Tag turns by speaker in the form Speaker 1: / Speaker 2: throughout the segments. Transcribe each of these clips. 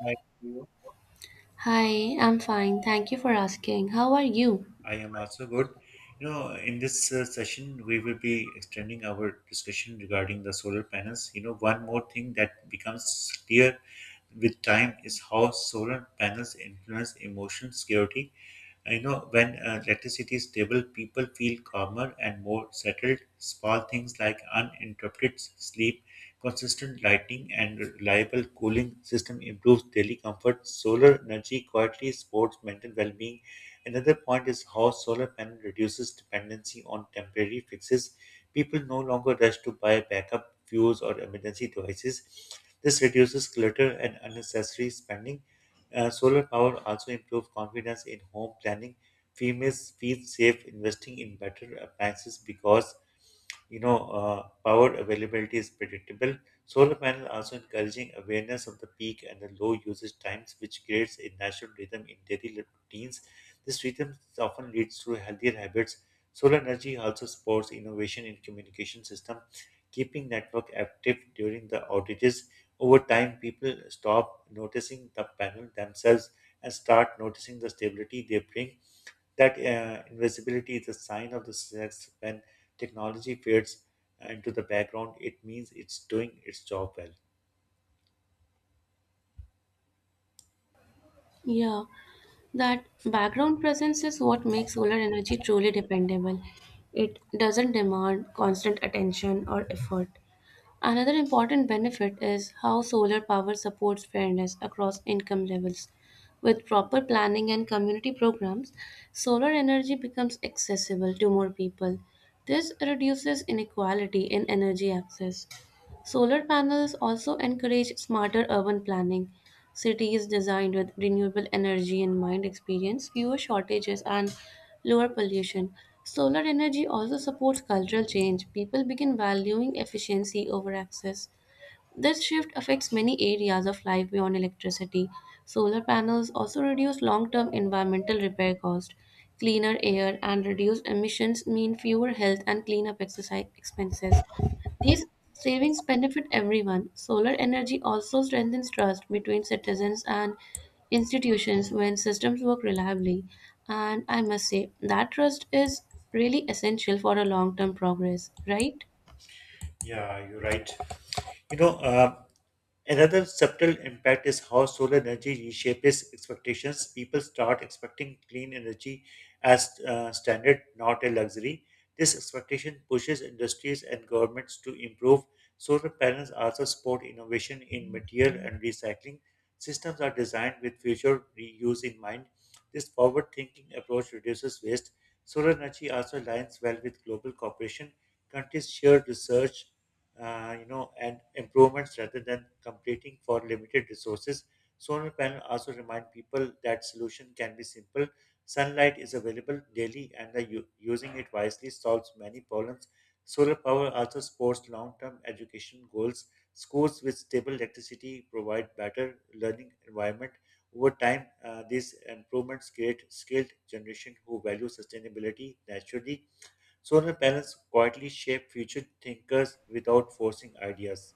Speaker 1: Hi, you.
Speaker 2: Hi, I'm fine. Thank you for asking. How are you?
Speaker 1: I am also good. In this session, we will be extending our discussion regarding the solar panels. One more thing that becomes clear with time is how solar panels influence emotion security. When electricity is stable, people feel calmer and more settled. Small things like uninterrupted sleep, consistent lighting, and reliable cooling system improves daily comfort. Solar energy quietly supports mental well-being. Another point is how solar panel reduces dependency on temporary fixes. People no longer rush to buy backup fuels or emergency devices. This reduces clutter and unnecessary spending. Solar power also improves confidence in home planning. Females feel safe investing in better appliances because power availability is predictable. Solar panel also encouraging awareness of the peak and the low usage times, which creates a natural rhythm in daily routines. This rhythm often leads to healthier habits. Solar energy also supports innovation in communication system, keeping network active during the outages. Over time, people stop noticing the panel themselves and start noticing the stability they bring. That invisibility is a sign of the success when technology fades into the background. It means it's doing its job well.
Speaker 2: Yeah, that background presence is what makes solar energy truly dependable. It doesn't demand constant attention or effort. Another important benefit is how solar power supports fairness across income levels. With proper planning and community programs, solar energy becomes accessible to more people. This reduces inequality in energy access. Solar panels also encourage smarter urban planning. Cities designed with renewable energy in mind experience fewer shortages and lower pollution. Solar energy also supports cultural change. People begin valuing efficiency over access. This shift affects many areas of life beyond electricity. Solar panels also reduce long term environmental repair cost. Cleaner air and reduced emissions mean fewer health and cleanup exercise expenses. These savings benefit everyone. Solar energy also strengthens trust between citizens and institutions when systems work reliably. And I must say, that trust is really essential for a long term progress, right?
Speaker 1: Yeah, you're right. You know, uh, another subtle impact is how solar energy reshapes expectations. People start expecting clean energy as standard, not a luxury. This expectation pushes industries and governments to improve. Solar panels also support innovation in material and recycling. Systems are designed with future reuse in mind. This forward thinking approach reduces waste. Solar energy also aligns well with global cooperation. Countries share research and improvements rather than competing for limited resources. Solar panel also remind people that solution can be simple. Sunlight is available daily, and using it wisely solves many problems. Solar power also supports long-term education goals. Schools with stable electricity provide better learning environment. Over time, these improvements create skilled generation who value sustainability naturally. Solar panels quietly shape future thinkers without forcing ideas.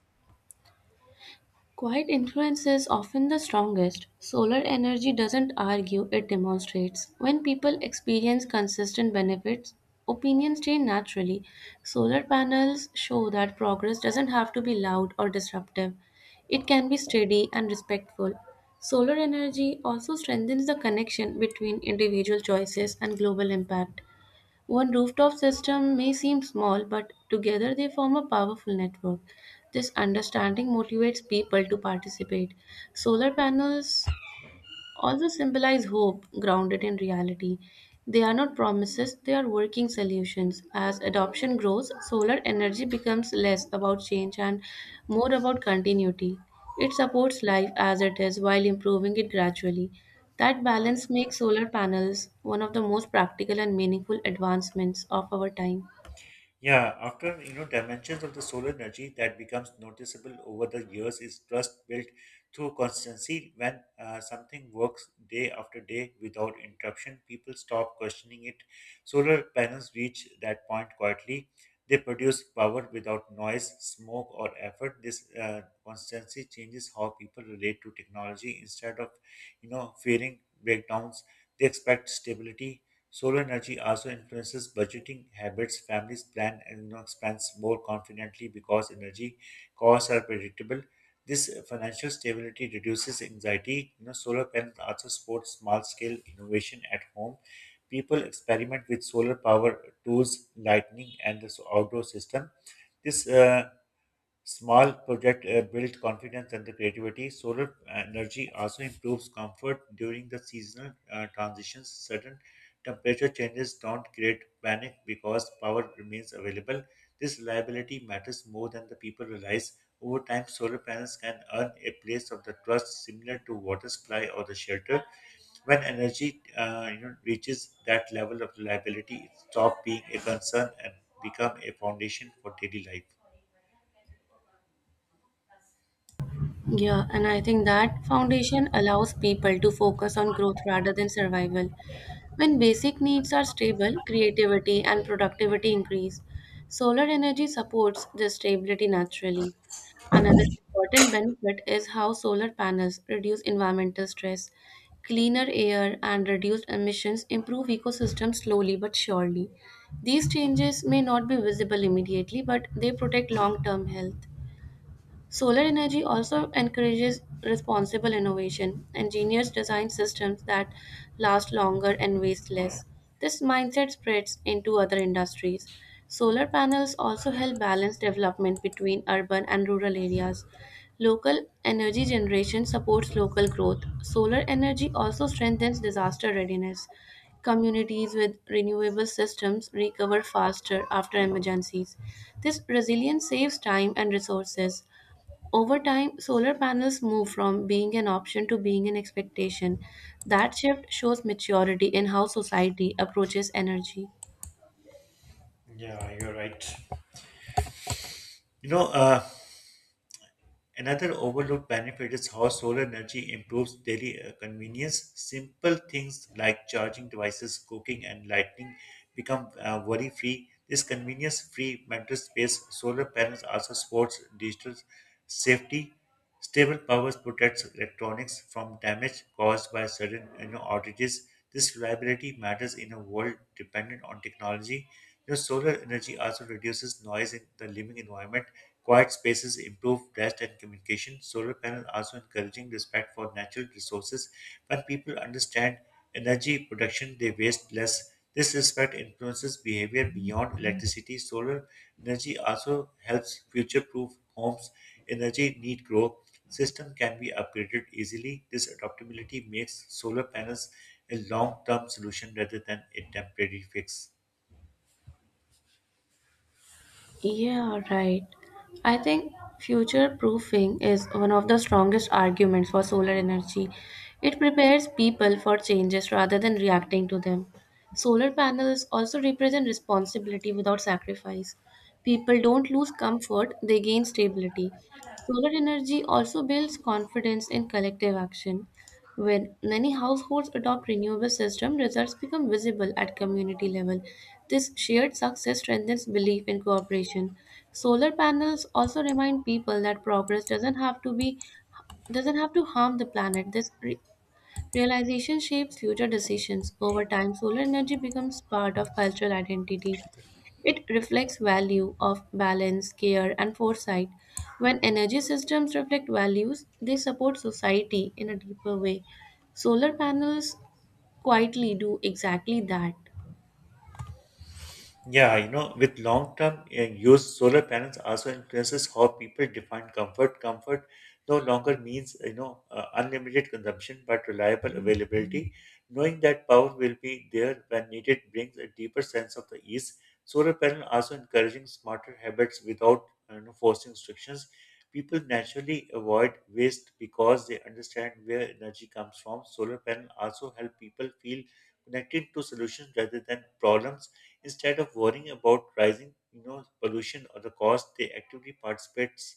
Speaker 2: Quiet influence is often the strongest. Solar energy doesn't argue, it demonstrates. When people experience consistent benefits, opinions change naturally. Solar panels show that progress doesn't have to be loud or disruptive, it can be steady and respectful. Solar energy also strengthens the connection between individual choices and global impact. One rooftop system may seem small, but together they form a powerful network. This understanding motivates people to participate. Solar panels also symbolize hope grounded in reality. They are not promises, they are working solutions. As adoption grows, solar energy becomes less about change and more about continuity. It supports life as it is while improving it gradually. That balance makes solar panels one of the most practical and meaningful advancements of our time.
Speaker 1: Yeah, after dimensions of the solar energy that becomes noticeable over the years is trust built through consistency. When something works day after day without interruption, people stop questioning it. Solar panels reach that point quietly. They produce power without noise, smoke, or effort. This consistency changes how people relate to technology. Instead of fearing breakdowns, they expect stability. Solar energy also influences budgeting habits. Families plan and expense more confidently because energy costs are predictable. This financial stability reduces anxiety. Solar panels also support small-scale innovation at home. People experiment with solar power tools, lighting, and the outdoor system. This Small projects build confidence and the creativity. Solar energy also improves comfort during the seasonal transitions. Sudden temperature changes don't create panic because power remains available. This reliability matters more than the people realize. Over time, solar panels can earn a place of the trust similar to water supply or the shelter. When energy reaches that level of reliability, it stops being a concern and become a foundation for daily life.
Speaker 2: Yeah, and I think that foundation allows people to focus on growth rather than survival. When basic needs are stable, creativity and productivity increase. Solar energy supports this stability naturally. Another important benefit is how solar panels reduce environmental stress. Cleaner air and reduced emissions improve ecosystems slowly but surely. These changes may not be visible immediately, but they protect long term health. Solar energy also encourages responsible innovation. Engineers design systems that last longer and waste less. This mindset spreads into other industries. Solar panels also help balance development between urban and rural areas. Local energy generation supports local growth. Solar energy also strengthens disaster readiness. Communities with renewable systems recover faster after emergencies. This resilience saves time and resources. Over time, solar panels move from being an option to being an expectation. That shift shows maturity in how society approaches energy.
Speaker 1: Yeah, you're right. You know, uh, Another overlooked benefit is how solar energy improves daily convenience. Simple things like charging devices, cooking, and lighting become worry free. This convenience free mental space, solar panels also supports digital safety. Stable power protects electronics from damage caused by sudden outages. This reliability matters in a world dependent on technology. Solar energy also reduces noise in the living environment. Quiet spaces improve rest and communication. Solar panels also encouraging respect for natural resources. When people understand energy production, they waste less. This respect influences behavior beyond electricity. Solar energy also helps future-proof homes. Energy need grow. System can be upgraded easily. This adaptability makes solar panels a long-term solution rather than a temporary fix.
Speaker 2: Yeah, right. I think future proofing is one of the strongest arguments for solar energy. It prepares people for changes rather than reacting to them. Solar panels also represent responsibility without sacrifice. People don't lose comfort, they gain stability. Solar energy also builds confidence in collective action. When many households adopt renewable system, results become visible at community level. This shared success strengthens belief in cooperation. Solar panels also remind people that progress doesn't have to harm the planet. This realization shapes future decisions. Over time, solar energy becomes part of cultural identity. It reflects value of balance, care and foresight. When energy systems reflect values, they support society in a deeper way. Solar panels quietly do exactly that.
Speaker 1: Yeah, you know, with long-term use, solar panels also influences how people define comfort. Comfort no longer means, unlimited consumption, but reliable availability. Knowing that power will be there when needed brings a deeper sense of the ease. Solar panel also encouraging smarter habits without, forcing restrictions. People naturally avoid waste because they understand where energy comes from. Solar panel also help people feel connected to solutions rather than problems. Instead of worrying about rising pollution or the cost, they actively participates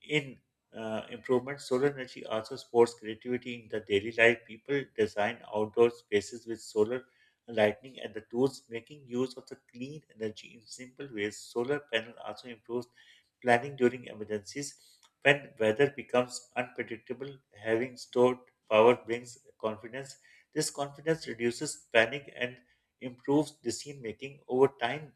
Speaker 1: in improvements. Solar energy also supports creativity in the daily life. People design outdoor spaces with solar lighting and the tools, making use of the clean energy in simple ways. Solar panel also improves planning during emergencies. When weather becomes unpredictable, having stored power brings confidence. This confidence reduces panic and improves decision making over time.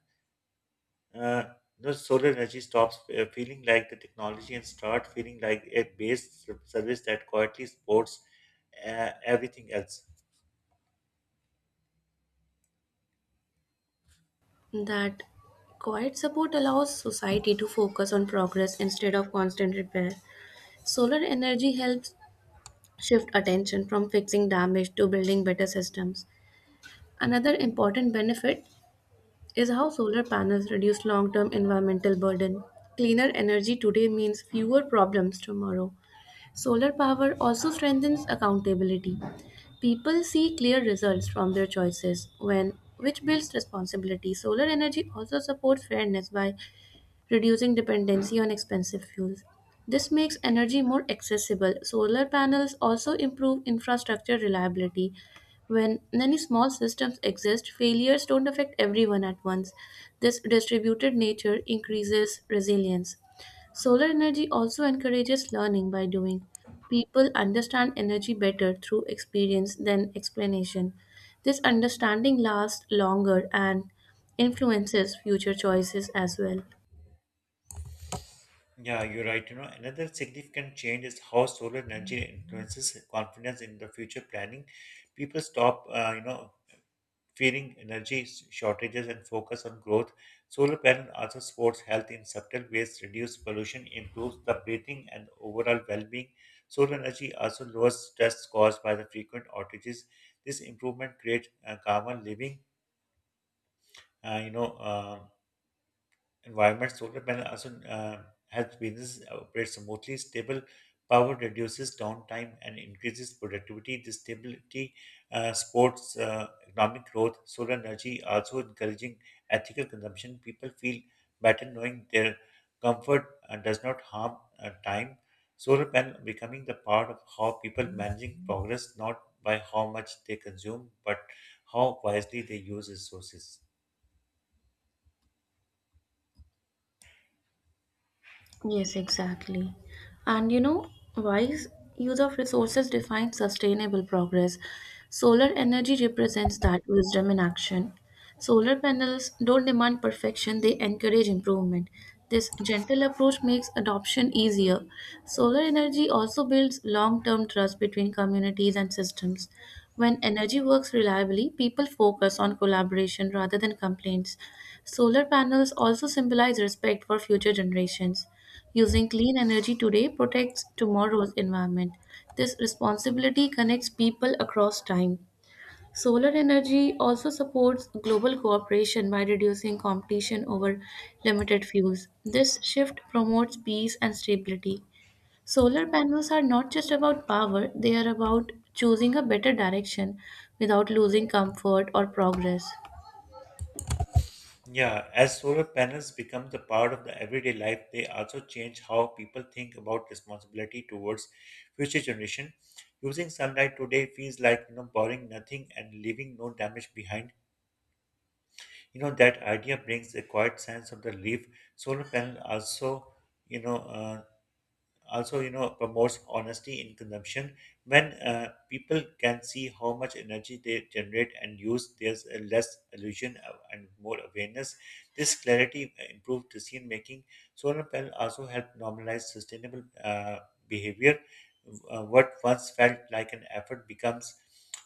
Speaker 1: Uh, the solar energy stops feeling like the technology and start feeling like a service that quietly supports everything else.
Speaker 2: That quiet support allows society to focus on progress instead of constant repair. Solar energy helps shift attention from fixing damage to building better systems. Another important benefit is how solar panels reduce long term environmental burden. Cleaner energy today means fewer problems tomorrow. Solar power also strengthens accountability. People see clear results from their choices when which builds responsibility. Solar energy also supports fairness by reducing dependency on expensive fuels. This makes energy more accessible. Solar panels also improve infrastructure reliability. When many small systems exist, failures don't affect everyone at once. This distributed nature increases resilience. Solar energy also encourages learning by doing. People understand energy better through experience than explanation. This understanding lasts longer and influences future choices as well.
Speaker 1: Yeah, you're right. You know, another significant change is how solar energy influences confidence in the future planning. People stop, fearing energy shortages and focus on growth. Solar panel also supports health in subtle ways, reduce pollution, improves the breathing and overall well-being. Solar energy also lowers stress caused by the frequent outages. This improvement creates calmer living. Uh, you know, uh, Environments, solar panel also helps businesses operate smoothly. Stable power reduces downtime and increases productivity. This stability supports economic growth. Solar energy also encouraging ethical consumption. People feel better knowing their comfort does not harm time. Solar panel becoming the part of how people managing progress, not by how much they consume, but how wisely they use resources.
Speaker 2: Yes, exactly. And you know, wise use of resources defines sustainable progress. Solar energy represents that wisdom in action. Solar panels don't demand perfection, they encourage improvement. This gentle approach makes adoption easier. Solar energy also builds long term trust between communities and systems. When energy works reliably, people focus on collaboration rather than complaints. Solar panels also symbolize respect for future generations. Using clean energy today protects tomorrow's environment. This responsibility connects people across time. Solar energy also supports global cooperation by reducing competition over limited fuels. This shift promotes peace and stability. Solar panels are not just about power, they are about choosing a better direction without losing comfort or progress.
Speaker 1: Yeah, as solar panels become the part of the everyday life, they also change how people think about responsibility towards future generation. Using sunlight today feels like borrowing nothing and leaving no damage behind. You know that idea brings a quiet sense of the relief. Solar panel also, you know, uh, promotes honesty in consumption when people can see how much energy they generate and use, there's a less illusion and more awareness. This clarity improve decision making. Solar panel also help normalize sustainable behavior. What once felt like an effort becomes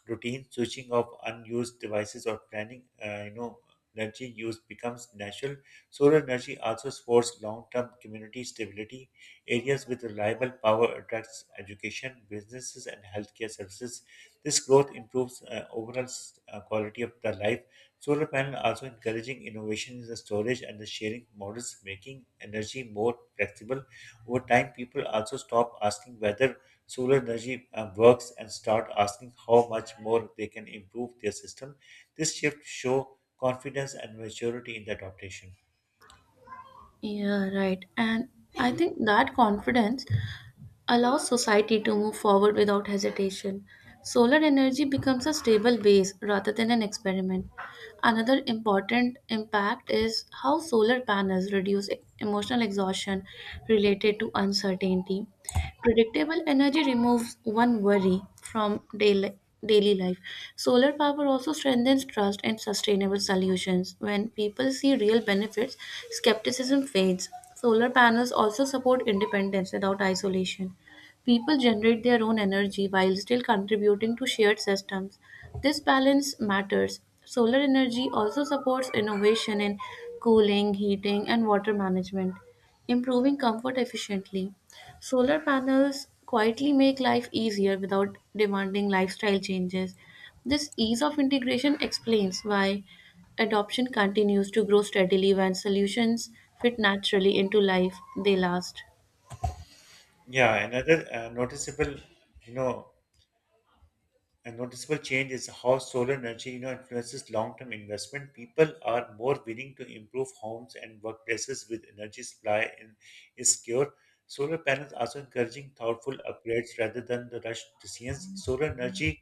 Speaker 1: routine, switching off unused devices or planning energy use becomes natural. Solar energy also supports long-term community stability. Areas with reliable power attracts education, businesses, and healthcare services. This growth improves overall quality of the life. Solar panel also encouraging innovation in the storage and the sharing models, making energy more flexible. Over time, people also stop asking whether solar energy works and start asking how much more they can improve their system. This shift show confidence and maturity in the adaptation.
Speaker 2: Yeah, right. And I think that confidence allows society to move forward without hesitation. Solar energy becomes a stable base rather than an experiment. Another important impact is how solar panels reduce emotional exhaustion related to uncertainty. Predictable energy removes one worry from daily life. Solar power also strengthens trust and sustainable solutions. When people see real benefits, skepticism fades. Solar panels also support independence without isolation. People generate their own energy while still contributing to shared systems. This balance matters. Solar energy also supports innovation in cooling, heating, and water management improving comfort efficiently. Solar panels quietly make life easier without demanding lifestyle changes. This ease of integration explains why adoption continues to grow steadily when solutions fit naturally into life, they last.
Speaker 1: Yeah, another noticeable, you know, A noticeable change is how solar energy influences long-term investment. People are more willing to improve homes and workplaces with energy supply in, is secure. Solar panels also encouraging thoughtful upgrades rather than the rush decisions. Solar energy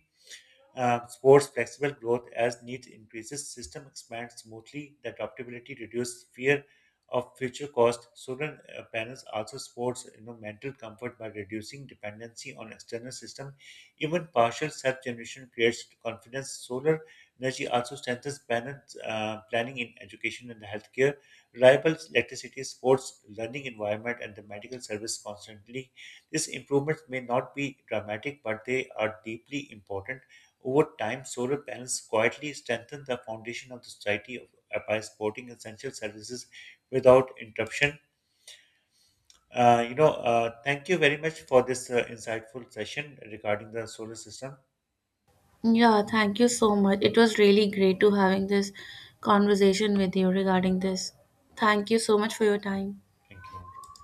Speaker 1: sports flexible growth as needs increases, system expands smoothly, the adaptability reduces fear of future cost. Student parents also supports mental comfort by reducing dependency on external system. Even partial self-generation creates confidence. Solar energy also strengthens parents' planning in education and healthcare. Reliable electricity supports learning environment and the medical service constantly. These improvements may not be dramatic, but they are deeply important. Over time, solar panels quietly strengthen the foundation of the society of, by supporting essential services without interruption. Thank you very much for this insightful session regarding the solar system.
Speaker 2: Yeah, thank you so much. It was really great to having this conversation with you regarding this. Thank you so much for your time.
Speaker 1: Thank you.